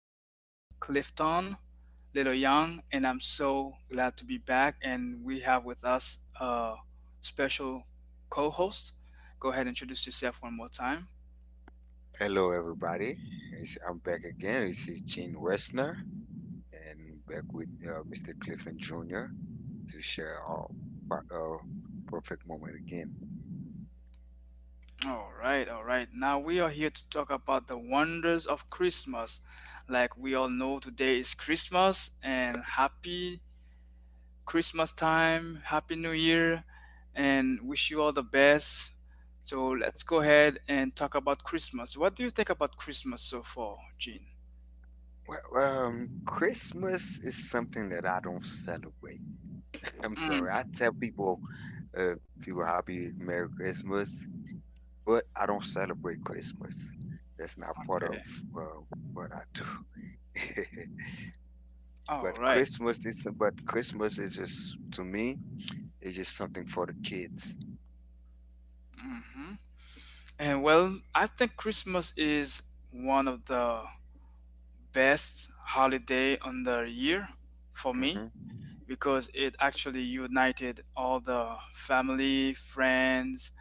Junior Clifton, Little Young, and I'm so glad to be back. And we have with us a special co host. Go ahead and introduce yourself one more time. Hello, everybody. I'm back again. This is Gene Westner, and back with Mr. Clifton Jr. to share our per- uh, perfect moment again. All right, all right. Now we are here to talk about the wonders of Christmas. Like we all know, today is Christmas, and happy Christmas time, happy New Year, and wish you all the best. So let's go ahead and talk about Christmas. What do you think about Christmas so far, Gene? Christmas is something that I don't celebrate. I'm sorry. I Mm, tell people, uh, people, happy Merry Christmas, but I don't celebrate Christmas. That's not part of okay. uh, what I do. All but right. Christmas is, but Christmas is just to me, it's just something for the kids. Mm-hmm. And well, I think Christmas is one of the best holiday on the year for me Mm-hmm. because it actually united all the family, friends,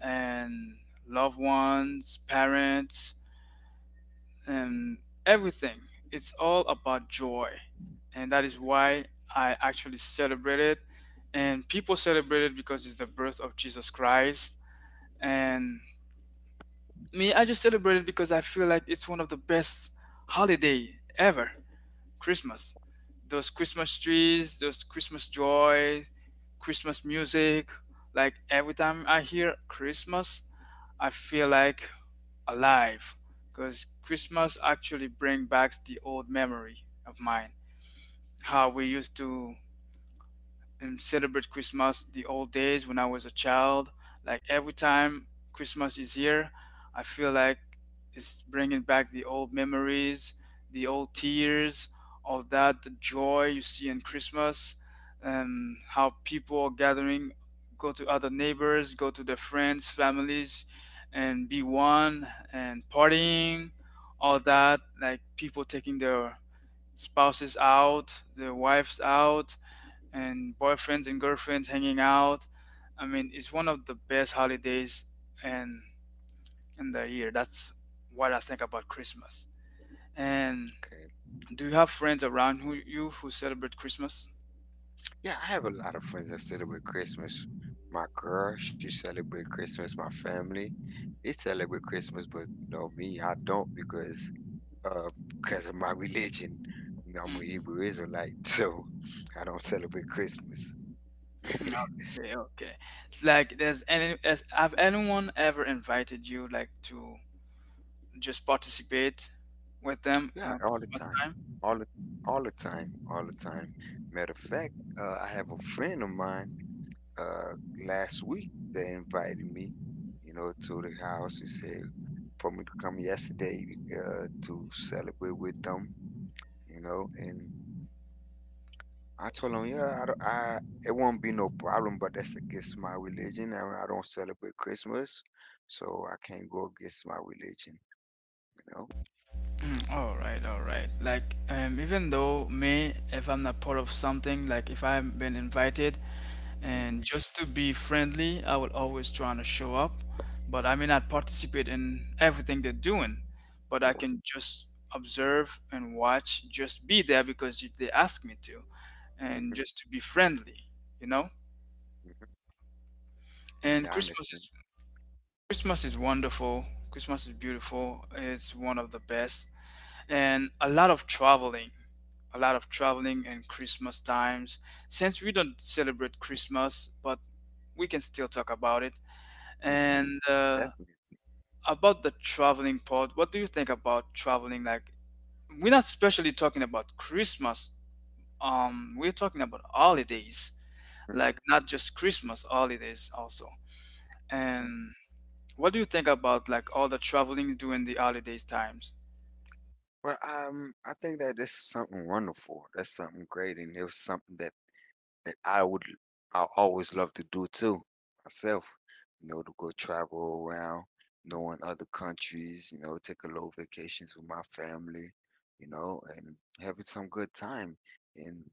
and loved ones, parents, and everything. It's all about joy. And that is why I actually celebrate it. And people celebrate it because it's the birth of Jesus Christ. And me, I just celebrate it because I feel like it's one of the best holiday ever. Christmas. Those Christmas trees, those Christmas joy, Christmas music. Like every time I hear Christmas, I feel like alive because Christmas actually bring back the old memory of mine. How we used to and celebrate Christmas the old days when I was a child. Like every time Christmas is here, I feel like it's bringing back the old memories, the old tears, all that, the joy you see in Christmas, and how people are gathering, go to other neighbors, go to their friends, families, and be one and partying, all that. Like people taking their spouses out, their wives out, and boyfriends and girlfriends hanging out. I mean, it's one of the best holidays and in the year. That's what I think about Christmas. And Okay. do you have friends around who celebrate Christmas? Yeah, I have a lot of friends that celebrate Christmas. My girl, she celebrate Christmas. My family, they celebrate Christmas, but you know me, I don't uh because of my religion. You know, I'm a Mm, Hebrew Israelite, so I don't celebrate Christmas. Okay, okay. It's like there's any have anyone ever invited you like to just participate with them in Yeah, a all the Christmas time, time? all the all the time, all the time. Matter of fact, I have a friend of mine. uh, Last week they invited me, you know, to the house. They said for me to come yesterday to celebrate with them, you know. And I told them, yeah, I, don't- I it won't be no problem, but that's against my religion. I don't celebrate Christmas, so I can't go against my religion, you know. Mm, all right, all right. Like, even though me, if I'm not part of something, like if I've been invited, Hmm. and just to be friendly, I will always try to show up. But I may not participate in everything they're doing, but I Hmm. can just observe and watch, just be there because they ask me to, and Hmm. just to be friendly, you know. Hmm. And Yeah, I understand. Christmas is wonderful. Christmas is beautiful. It's one of the best, and a lot of traveling and Christmas times. Since we don't celebrate Christmas, but we can still talk about it. Hmm. And Definitely. about the traveling part, what do you think about traveling? Like, we're not especially talking about Christmas. We're talking about holidays, like Hmm. not just Christmas holidays also. And what do you think about like all the traveling during the holidays times? Well, I think that this is something wonderful. That's something great, and it was something that that I would I always love to do too myself. You know, to go travel around, knowing other countries, you know, take a little vacations with my family, you know, and having some good time. And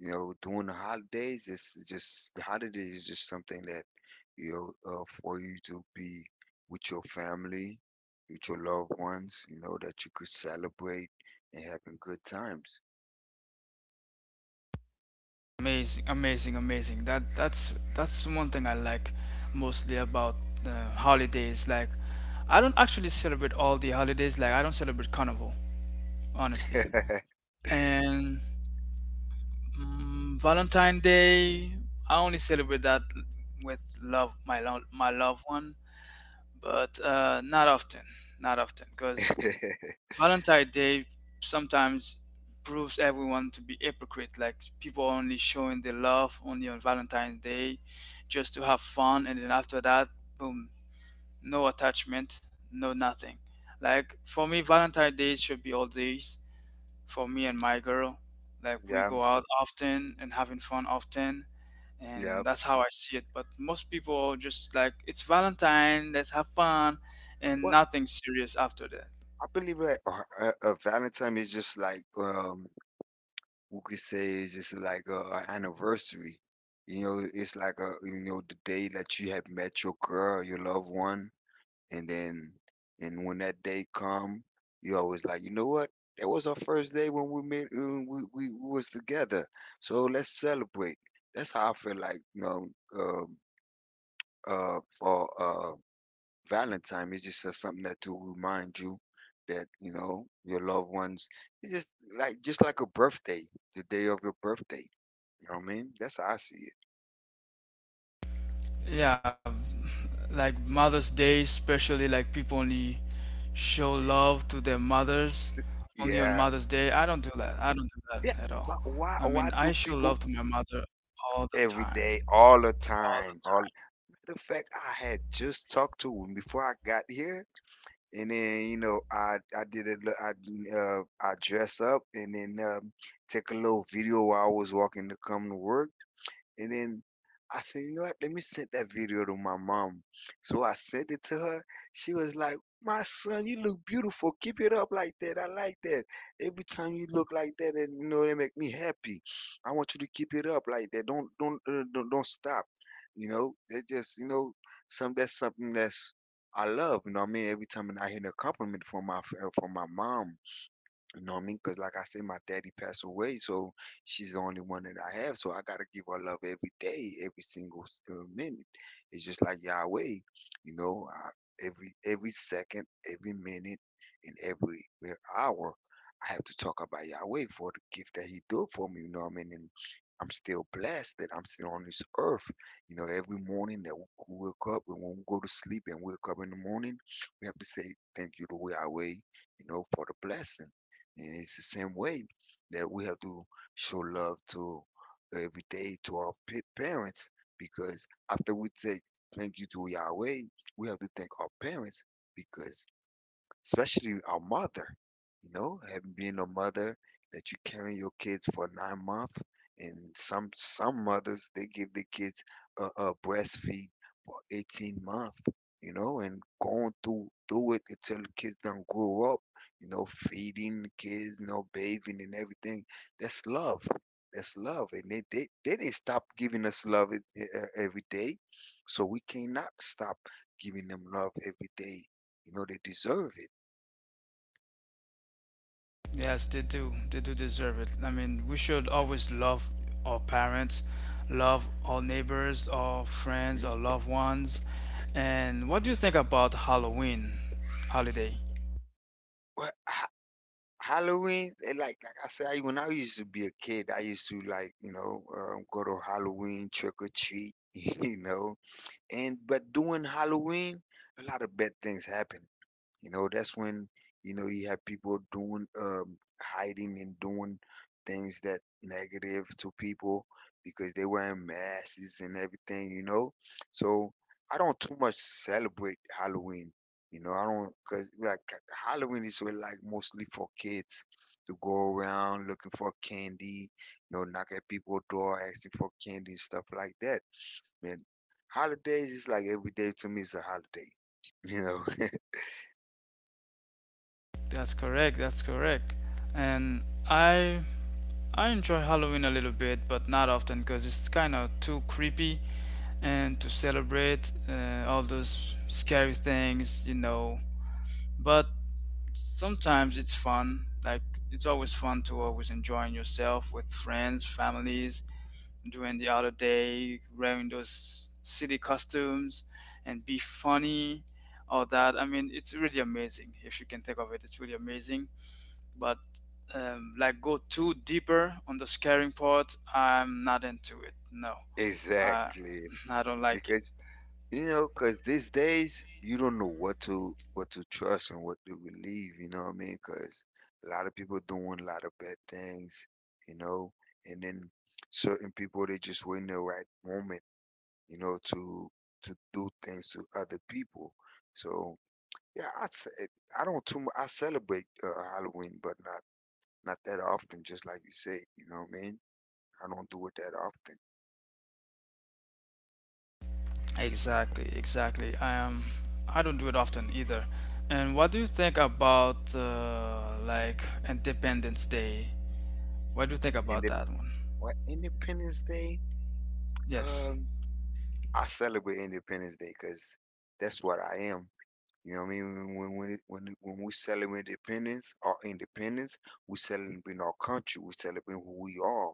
you know, during the holidays, it's just the holidays is just something that you know for you to be with your family, with your loved ones, you know, that you could celebrate and having good times. Amazing, amazing, amazing. That's one thing I like mostly about holidays. Like, I don't actually celebrate all the holidays. Like, I don't celebrate Carnival, honestly. And mm, Valentine Day, I only celebrate that with love, my loved one, but not often, not often, because Valentine Day sometimes proves everyone to be hypocrite, like people only showing their love only on Valentine's Day just to have fun, and then after that, boom, no attachment, no nothing. Like for me, Valentine's Day should be all days for me and my girl. Like we Yeah, go out often and having fun often, yeah. and that's how I see it. But most people just like it's Valentine, let's have fun, and Well, nothing serious after that. I believe like a Valentine is just like we could say it's just like a anniversary. You know, it's like a you know the day that you have met your girl, your loved one, and then and when that day come, you always like you know what that was our first day when we met when we was together. So let's celebrate. That's how I feel like you know um for Valentine is just something that to remind you that you know your loved ones. It's just like a birthday, the day of your birthday. You know what I mean? That's how I see Yeah, like mother's day, especially, like people only show love to their mothers it. only on Yeah, mother's day. I don't do that. i don't do that yeah. at all I Why mean, do I show people love to my mother all the every day, time, all the all time? the All the fact I had just talked to him before I got here, and then you know I did a li- I dress up and then take a little video while I was walking to come to work. And then I said, you know what? Let me send that video to my mom. So I sent it to her. She was like, my son, you look beautiful. Keep it up like that. I like that. Every time you look like that, and you know, they make me happy. I want you to keep it up like that. Don't stop. You know, it just you know, some that's something that's I love. You know what I mean? Every time I hear a compliment from my mom, you know what I mean? Because, like I said, my daddy passed away, so she's the only one that I have. So I got to give her love every day, every single minute. It's just like Yahweh, you know, I, every second, every minute, and every hour, I have to talk about Yahweh for the gift that He did for me. You know what I mean? And I'm still blessed that I'm still on this earth. You know, every morning that we wake up and when we go to sleep and wake up in the morning, we have to say thank you to Yahweh, you know, for the blessing. And it's the same way that we have to show love to every day to our parents because after we say thank you to Yahweh, we have to thank our parents because especially our mother, you know, having being a mother that you carry your kids for 9 months, and some mothers they give the kids a breastfeed for 18 months, you know, and going through it until the kids don't grow up, you know, feeding the kids, you know, bathing and everything. That's love. That's love, and they didn't stop giving us love every day, so we cannot stop giving them love every day. You know, they deserve it. time. Yes, they do. They do deserve it. I mean, we should always love our parents, love our neighbors, our friends, Mhm. our loved ones. And what do you think about halloween holiday? Well, Halloween, like I said, when I used to be a kid, I used to like you know go to Halloween trick or treat, you know. And but during Halloween, a lot of bad things happen. You know, that's when, you know, you have people doing, hiding and doing things that negative to people because they wearing masks and everything, you know? So I don't too much celebrate Halloween. You know, I don't, cause like Halloween is really like mostly for kids to go around looking for candy, you know, knock at people's door, asking for candy and stuff like that. Man, holidays is like every day to me is a holiday, you know. That's correct. That's correct. And I I enjoy Halloween a little bit, but not often because it's kind of too creepy and to celebrate all those scary things, you know. But sometimes it's fun. Like it's always fun to always enjoying yourself with friends, families, during the other day, wearing those city costumes and be funny, all that. I mean, it's really amazing if you can think of it. It's really amazing but like go too deeper on the scaring part, I'm not into it. No, I Exactly, I don't like it. because you know, because these days you don't know what to trust and what to believe. You know what I mean? Because a lot of people doing a lot of bad things. You know, and then certain people they just wait in the right moment. You know, to do things to other people. So yeah, I don't I celebrate Halloween, but not not that often. Just like you said, you know what I mean? I don't do it that often. Exactly, exactly. I am. I don't do it often either. And what do you think about like Independence Day? What do you think And about the that one? what Independence Day? Yes, Um, I celebrate Independence Day because that's what I am. You know what I mean? When we celebrate independence, our independence, we celebrating our country, we celebrating who we are.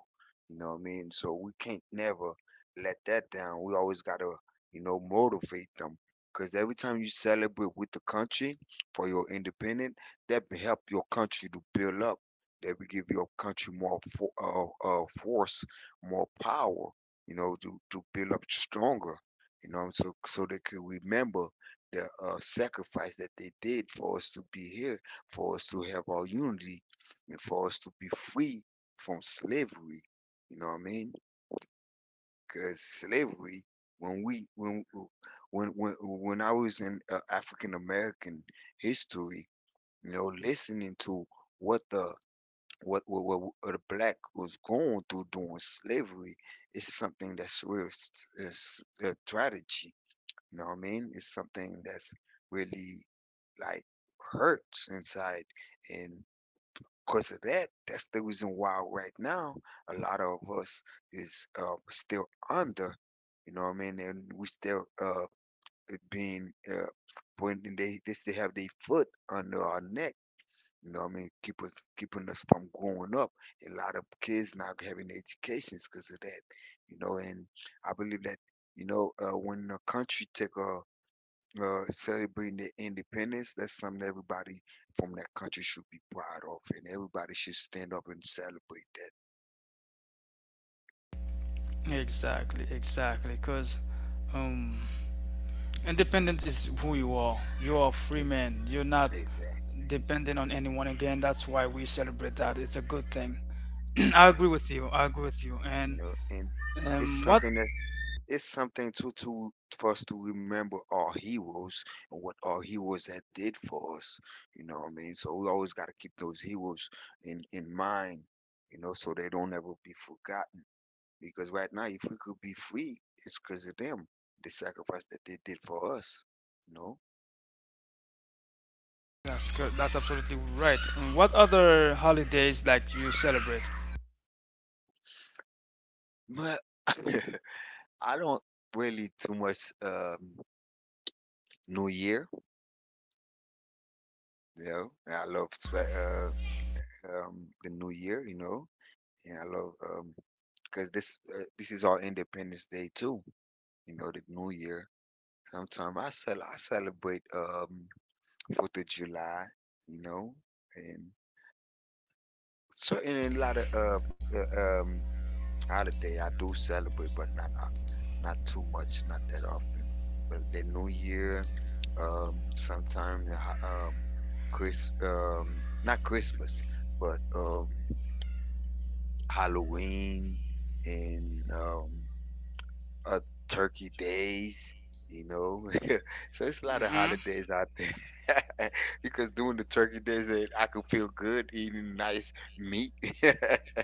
You know what I mean? So we can't never let that down. We always gotta, you know, motivate them. Cause every time you celebrate with the country for your independence, that will help your country to build up. That will give your country more for, force, more power. You know, to build up stronger. You know, so so they can remember the sacrifice that they did for us to be here, for us to have our unity, and for us to be free from slavery. You know what I mean? Because slavery, when we when I was in African American history, you know, listening to what the what the black was going through during slavery is something that's a tragedy. You know what I mean? It's something that's really like hurts inside. And because of that, that's the reason why right now a lot of us is still under. You know what I mean? And we still being pointing they still have their foot under our neck. You know what I mean? Keeping us from growing up. A lot of kids not having educations because of that. You know, and I believe that you know when a country take a celebrating their independence. That's something everybody from that country should be proud of, and everybody should stand up and celebrate that. exactly, exactly. Cause um, independence is who you are. You are a free Yes. man. You're not Exactly, dependent on anyone again. That's why we celebrate that. It's a good thing. I exactly. agree with you. I agree with you. You And know, and it's what? something that it's something too to for us to remember our heroes and what our heroes that did for us. You know what I mean? So we always got to keep those heroes in mind. You know, so they don't ever be forgotten. Because right now, if we could be free, it's because of them, the sacrifice that they did for us, you know. That's good. That's absolutely right. And what other holidays like you celebrate? But I don't really too much New Year, you know. And I love the New Year, you know, and I love because this this is our Independence Day too, you know, the New Year. Sometimes I celebrate Fourth of July, you know, and certain a lot of uh, um, holiday I do celebrate, but not not too much, not that often. But the New Year, sometime not Christmas, but Halloween and uh, Turkey Days. You know, so it's a lot of Mm-hmm. holidays out there because during the turkey days, eh, I could feel good eating nice meat.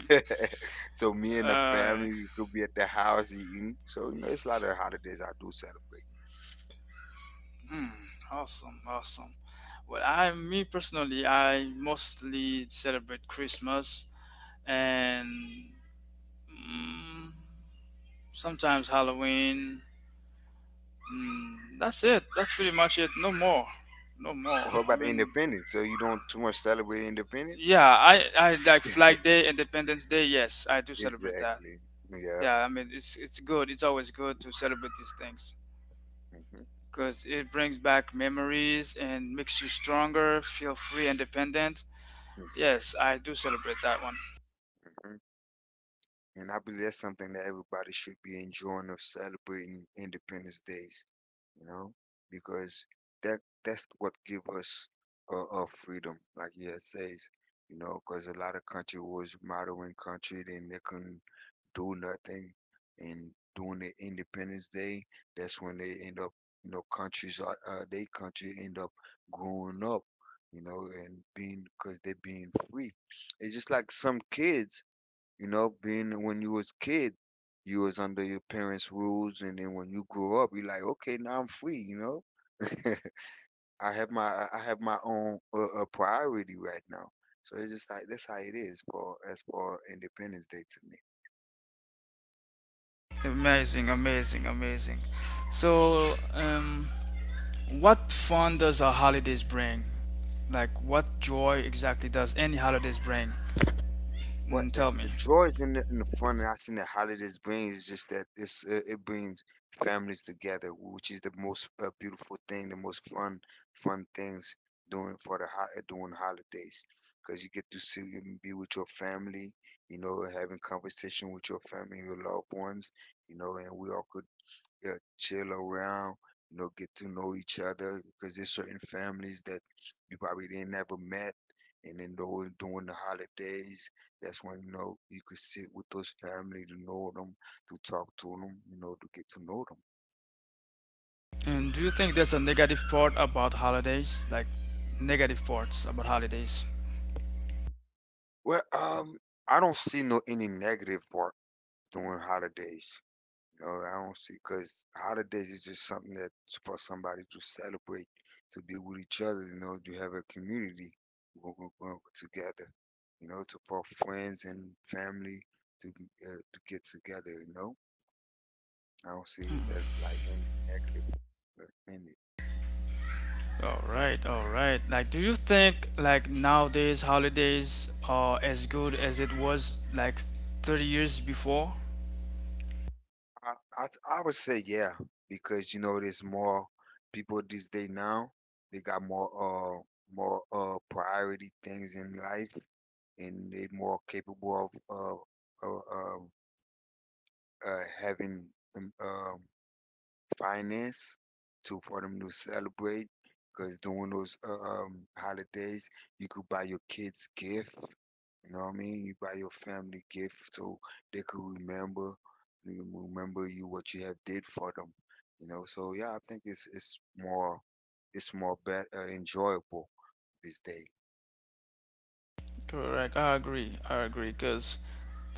So me and the uh, family we could be at the house eating. So you know, it's a lot of holidays I do celebrate. hmm, awesome, awesome. Well, me personally, I mostly celebrate Christmas and mm, sometimes Halloween. Mm, that's it. That's pretty much it. No more. No more. Well, how I about the mean, Independence? So you don't too much celebrate Independence? yeah, I like Flag Day, Independence Day. Yes, I do celebrate that. Exactly. Yep. Yeah, I mean it's good. It's always good to celebrate these things hmm because it brings back memories and makes you stronger, feel free, independent. Exactly. Yes, I do celebrate that one. hmm And I believe that's something that everybody should be enjoying of celebrating Independence Days. You know, because that's what give us freedom, like yeah it says. You know, because a lot of country was modern country, then they couldn't do nothing and during the Independence Day, that's when they end up, you know, countries are they country end up growing up, you know, and being because they're being free. It's just like some kids, you know, being when you was kid, you was under your parents' rules, and then when you grow up, you're like, okay, now I'm free, you know. I have my own priority right now. So it's just like that's how it is for as for Independence Day to me. Amazing, amazing, amazing. So, what fun does a holidays bring? Like, what joy exactly does any holidays bring? What Mm, the, tell me. the joys in the fun that I seen that holidays brings is just that it's it brings families together, which is the most beautiful thing, the most fun things doing for the doing holidays, because you get to see and be with your family, you know, having conversation with your family, your loved ones, you know, and we all could, yeah, chill around, you know, get to know each other because there's certain families that you probably didn't ever met. And then during the holidays, that's when, you know, you could sit with those family to know them, to talk to them, you know, to get to know them. And do you think there's a negative part about holidays? Like negative parts about holidays? Well, I don't see no any negative part during holidays. No, I don't see because holidays is just something that's for somebody to celebrate, to be with each other. You know, to have a community together. You know, to for friends and family to to get together. You know, I don't see it as like anything negative in it. All right, all right. Like, do you think like nowadays holidays are as good as it was like 30 years before? I, I I would say yeah, because you know there's more people these day now. They got more priority things in life, and they more capable of having them. Finance to for them to celebrate because during those holidays you could buy your kids gift, you know what I mean, you buy your family gift so they could remember you what you have did for them, you know. So yeah, I think it's more, it's more better, enjoyable this day. Correct. I agree. I agree. Because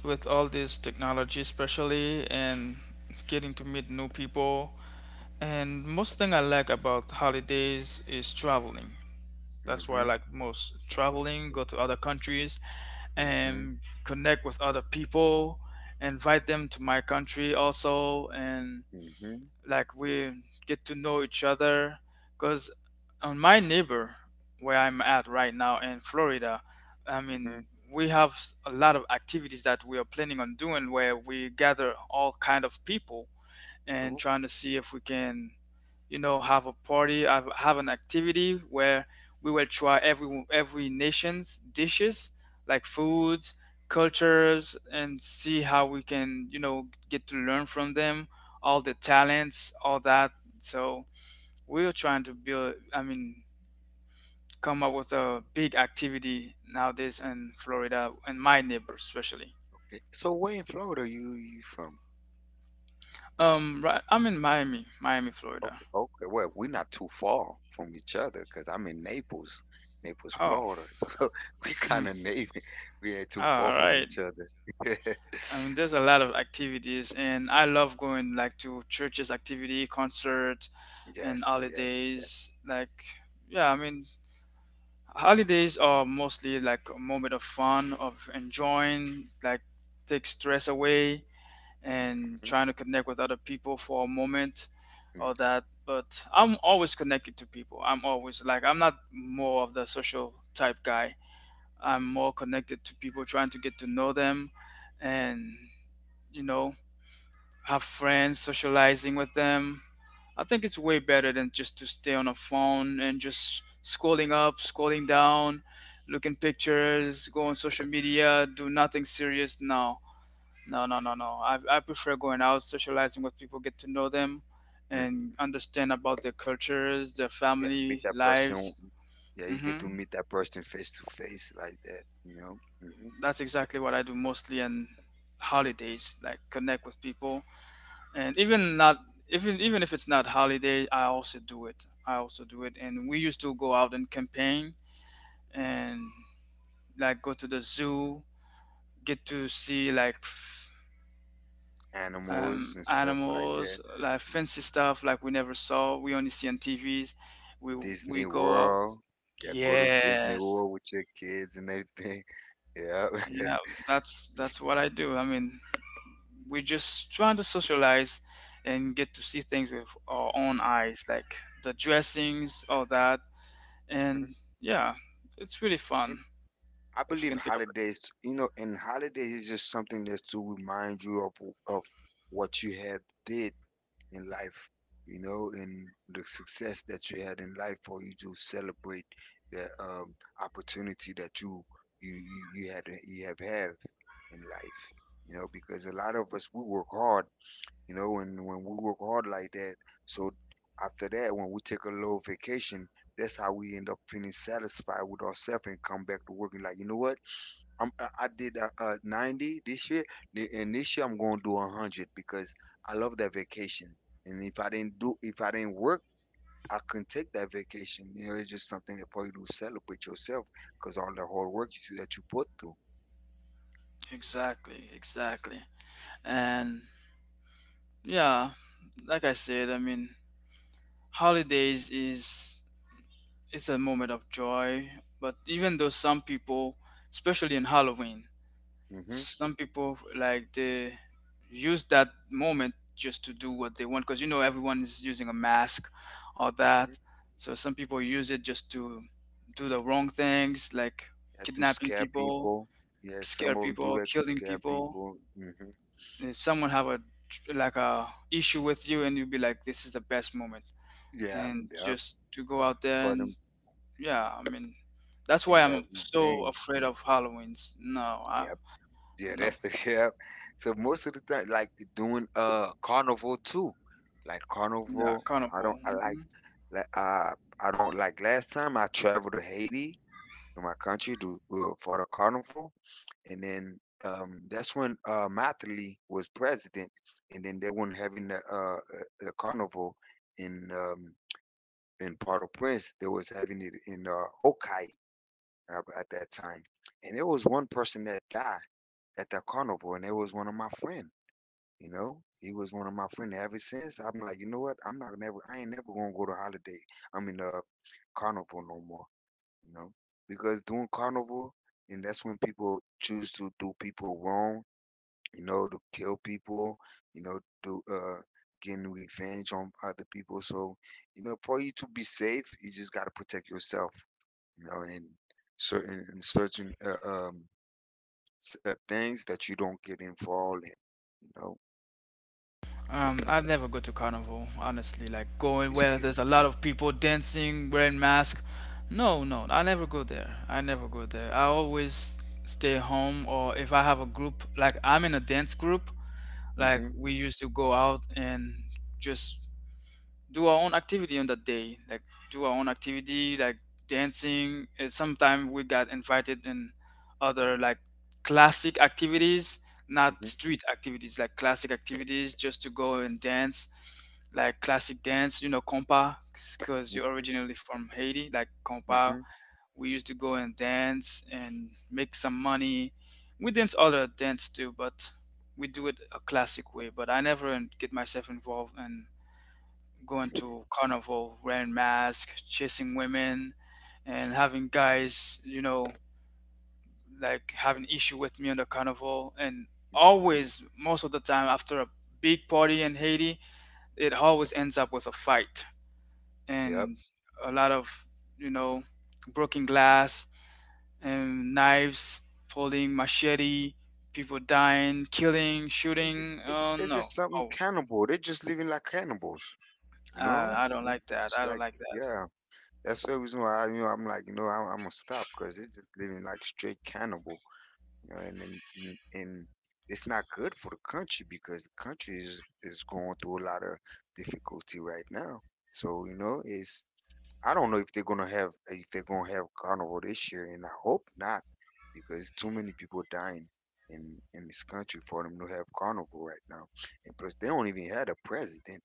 with all this technology, especially, and getting to meet new people, and most thing I like about holidays is traveling. That's what I Hmm like most. Traveling, go to other countries, hmm and connect with other people, invite them to my country also, and hmm like we get to know each other. Because on my neighbor, where I'm at right now in Florida, I hmm mean, we have a lot of activities that we are planning on doing where we gather all kind of people and oh, trying to see if we can, you know, have a have an activity where we will try every nation's dishes, like foods, cultures, and see how we can, you know, get to learn from them, all the talents, all that. So we are trying to build, I mean, come up with a big activity nowadays in Florida and my neighbors especially. okay, so where in Florida you from? Right, I'm in Miami, Florida. Okay, okay. Well, we're not too far from each other because I'm in Naples, Naples, Oh, Florida. So we kind of neighbor. We ain't too far all from right. each other. I mean, there's a lot of activities, and I love going like to churches activity, concert, and Yes, yes, holidays. Like, yeah, I mean, yeah. holidays Mhm, are mostly like a moment of fun, of enjoying, like take stress away, and mhm, trying to connect with other people for a moment, mhm, all that. But I'm always connected to people. I'm always like I'm not more of the social type guy. I'm yeah, more connected to people, trying to get to know them, and you know, have friends, socializing with them. I think it's way better than just to stay on a phone and just scrolling up, scrolling down, looking pictures, go on social media, do nothing serious. No, no, no, no, no. I prefer going out, socializing with people, get to know them, mm. and understand about their cultures, their Yeah, meet family that person. lives. Yeah, you get Hmm. to meet that person face to face like that, you know. Hmm That's exactly what I do mostly on holidays, like connect with people and even not even if it's not holiday. I also do it, and we used to go out and campaign and like go to the zoo, get to see like Animals and stuff like that. animals, like fancy stuff like we never saw, we only see on TVs. we we Disney go out. World. Yeah, go to Disney Yes, World with your kids and everything. Yeah. yeah, that's what I do. I mean, we are just trying to socialize and get to see things with our own And, eyes, like the dressings, all that. And mhm, yeah, it's really fun and I if you believe can take holidays, you know, and holidays is just something that's to remind you of what you had did in life, you know, and the success that you had in life for you to celebrate the opportunity that you had you have in life, you know, because a lot of us we work hard, you know, and when we work hard like that, so after that when we take a little vacation, that's how we end up feeling satisfied with ourselves and come back to working like, you know what? I did 90 this year, and this year I'm going to do 100 because I love that vacation. And if I didn't do, if I didn't work, I couldn't take that vacation. You know, it's just something for you to celebrate yourself because all the hard work that you put through. up. Exactly, exactly. And yeah, like I said, I mean, holidays is it's a moment of joy, but even though some people, especially in halloween, Mm-hmm. some people like they use that moment just to do what they want because you know everyone is using a mask or Mm-hmm. that. So some people use it just to do the wrong things, like Yeah, to kidnapping scare people, people. Yeah, scare some of them do people, that to killing scare people. people. Mm-hmm. If someone have a like a issue with you, and you'll be like, "This is the best moment," Yeah, and yeah, just to go out there for and them yeah, I mean, that's why and have I'm so revenge. afraid of Halloween's. No, I Yep. Yeah, no, that's the yeah. So most of the time, like doing carnival too, like yeah, carnival. I don't. carnival. I like. Like, I don't like. Last time I traveled to Haiti, in my country to, for the carnival, and then that's when Mathely was president, and then they weren't having the carnival in um, in Port-au-Prince. They was having it in Okai at that time, and there was one person that died at that carnival, and it was one of my friend. You know, he was one of my friend. Ever since, I'm like, you know what? I'm not never. I ain't never gonna go to holiday. I mean, carnival no more, you know, because doing carnival, and that's when people choose to do people wrong, you know, to kill people, you know, to getting revenge on other people. So, you know, for you to be safe, you just got to protect yourself, you know, and certain things that you don't get involved in, you know. I never go to carnival honestly. Like going where there's a lot of people dancing, wearing masks. No, no, I never go there. I never go there. I always stay home, or if I have a group, like I'm in a dance group. Like Hmm we used to go out and just do our own activity on that day, like do our own activity, like dancing. And sometimes we got invited in other like classic activities, not hmm street activities, like classic activities, just to go and dance, like classic dance. You know, compa, because you're hmm originally from Haiti, like compa hmm we used to go and dance and make some money. We dance other dance too, but we do it a classic way. But I never get myself involved in going hmm to carnival, wearing masks, chasing women, and having guys, you know, like having issue with me on the carnival. And always, most of the time, after a big party in Haiti, it always ends up with a fight Yep. and a lot of, you know, broken glass, knives, pulling machete, people dying, killing, It's just, shooting. it's, Oh they're no. just something Oh, cannibal. They're just living like cannibals. You know, I don't mm, like it's that. just I don't like like that. yeah, that's the reason why I, you know I'm like you know I'm gonna stop because it's just living like straight cannibal. You know, and it's not good for the country because the country is going through a lot of difficulty right now. So you know, it's I don't know if they're gonna have carnival this year, and I hope not because too many people dying. In this country for them to have carnival right now, and plus they don't even have a president,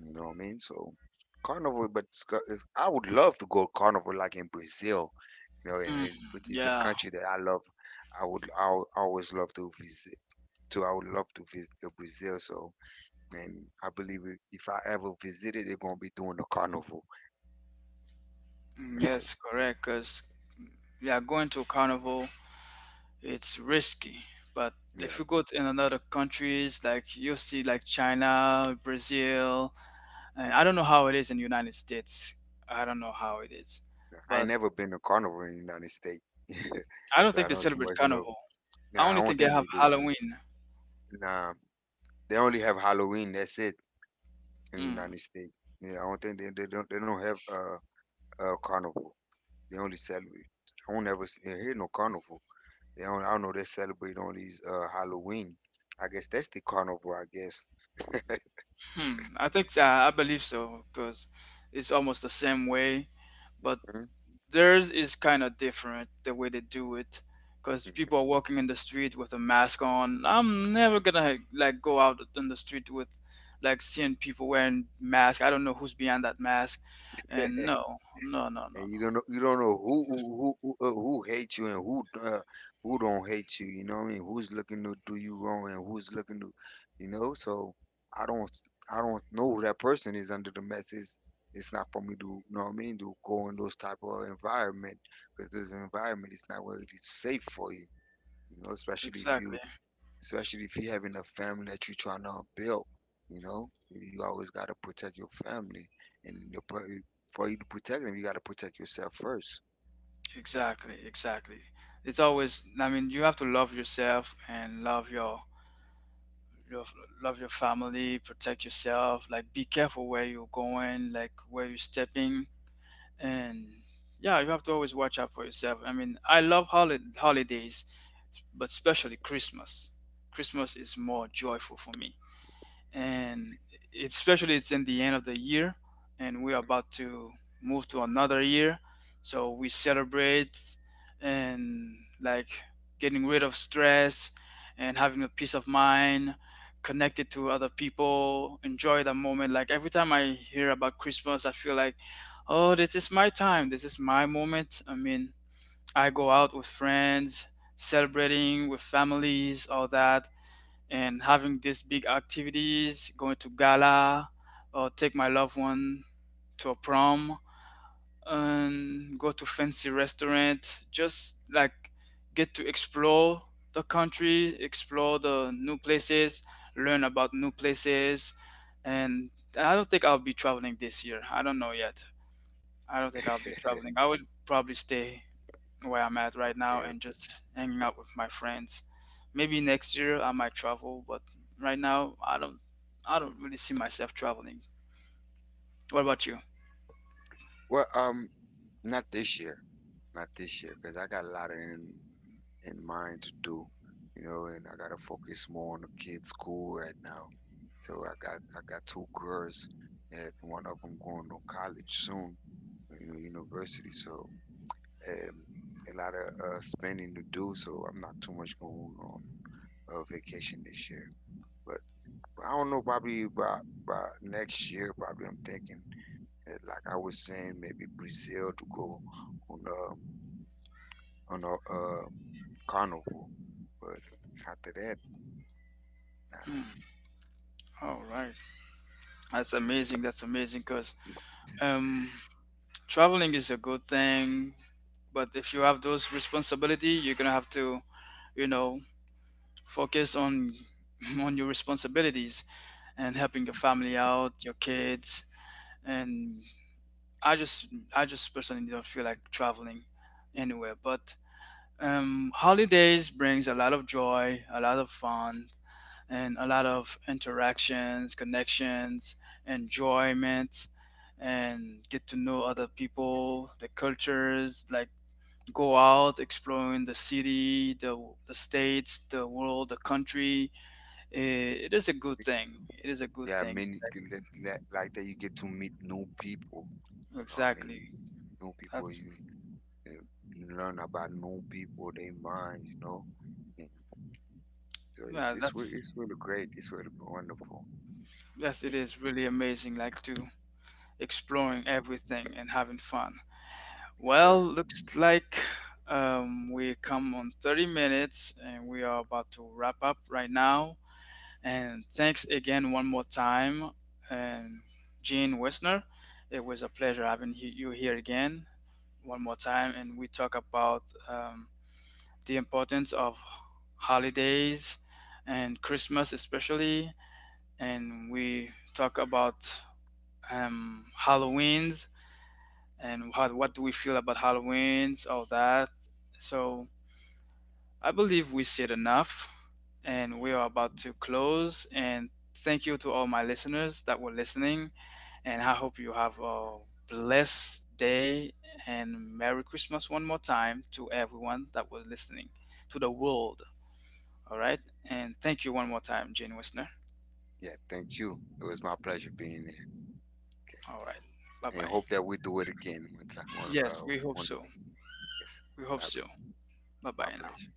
you know what I mean? So carnival, but I would love to go carnival like in Brazil, you know, and Mm, it, which is the yeah. country that I love. I would always love to visit. To I would love to visit Brazil. So and I believe if I ever visit it, they're gonna be doing the carnival. Mm, yes, correct. Cause yeah, going to a carnival, it's risky. But if Yeah, you go to in another countries, like you'll see like China, Brazil, and I don't know how it is in the United States. I don't know how it is, I ain't but never been to carnival in the United States, I don't so I think they don't too celebrate much know. carnival. I Nah, only I don't think they think have they do. Halloween. Nah, they only have Halloween. That's it in the Mm. United States. Yeah, I don't think they don't have carnival. They only celebrate. I don't ever see, hear no carnival. They don't, I don't know they celebrate only Halloween. I guess that's the carnival. I guess. Hmm, I think I believe so because it's almost the same way, but Mhm. theirs is kind of different the way they do it because people are walking in the street with a mask on. I'm never gonna like go out in the street with like seeing people wearing masks. I don't know who's behind that mask, and no, no, no, no, And no. you don't know, who who hates you and who don't hate you. You know what I mean? Who's looking to do you wrong and who's looking to, you know? So I don't know who that person is under the mess. It's not for me to you know what I mean to go in those type of environment because this environment is not really safe for you. You know, Exactly, especially if you having a family that you're trying to build. You know, you always got to protect your family, and for you to protect them, you got to protect yourself first. exactly, exactly. It's always, I mean, you have to love yourself and love your love your family, protect yourself, like be careful where you're going, like where you're stepping, and yeah, you have to always watch out for yourself. I mean, I love holidays, but especially Christmas. Christmas is more joyful for me and especially it's in the end of the year and we're about to move to another year so we celebrate and like getting rid of stress and having a peace of mind connected to other people, enjoy the moment. Like every time I hear about Christmas I feel like, oh, this is my time, this is my moment. I mean, I go out with friends celebrating with families, all that, and having these big activities, going to gala, or take my loved one to a prom, and go to fancy restaurant. Just like get to explore the country, explore the new places, learn about new places. And I don't think I'll be traveling this year. I don't know yet. I don't think I'll be Okay, traveling. I would probably stay where I'm at right now and okay. just hanging out with my friends. Maybe next year I might travel, but right now I don't really see myself traveling. What about you? Well, not this year, not this year, because I got a lot in mind to do. You know, and I gotta focus more on the kids' school right now. So I got two girls, and one of them going to college soon, you know, university. So. um, a lot of spending to do, so I'm not too much going on vacation this year. But I don't know, probably by next year, probably I'm thinking, like I was saying, maybe Brazil to go on um on a carnival. But after that, nah. Hmm. All right. That's amazing. That's amazing because, um, traveling is a good thing, but if you have those responsibility, you're gonna have to, you know, focus on on your responsibilities and helping your family out, your kids, and I just I just personally don't feel like traveling anywhere. But holidays brings a lot of joy, a lot of fun, and a lot of interactions, connections, enjoyment, and get to know other people, the cultures, like go out exploring the city, the states, the world, the country. It is a good thing, it is a good Yeah, I thing. mean, you like that, you get to meet new people. You know what I mean, Exactly, new people, that's you learn about new people, their minds, you know. Mhm. So it's yeah, that's it's really great. It's really wonderful. yes, it is really amazing, like to Yes, exploring yes, everything and having fun. Well, sir. looks like, we come on 30 minutes and we are about to wrap up right now. And thanks again one more time, and Gene Wessner. It was a pleasure having you here again one more time, and we talk about um, the importance of holidays and Christmas especially, and we talk about, Halloween's and how, what do we feel about Halloween's, all that. So I believe we said enough and we are about to close. And thank you to all my listeners that were listening. And I hope you have a blessed day and Merry Christmas one more time to everyone that was listening, to the world. All right. And Yes. thank you one more time, Jane Wisner. Yeah. Thank you. It was my pleasure being here. Okay. All right. Bye And bye. hope that we do it again one time. One Yes, we hope one so. day. Yes. We All hope right. so. Bye My bye now. pleasure.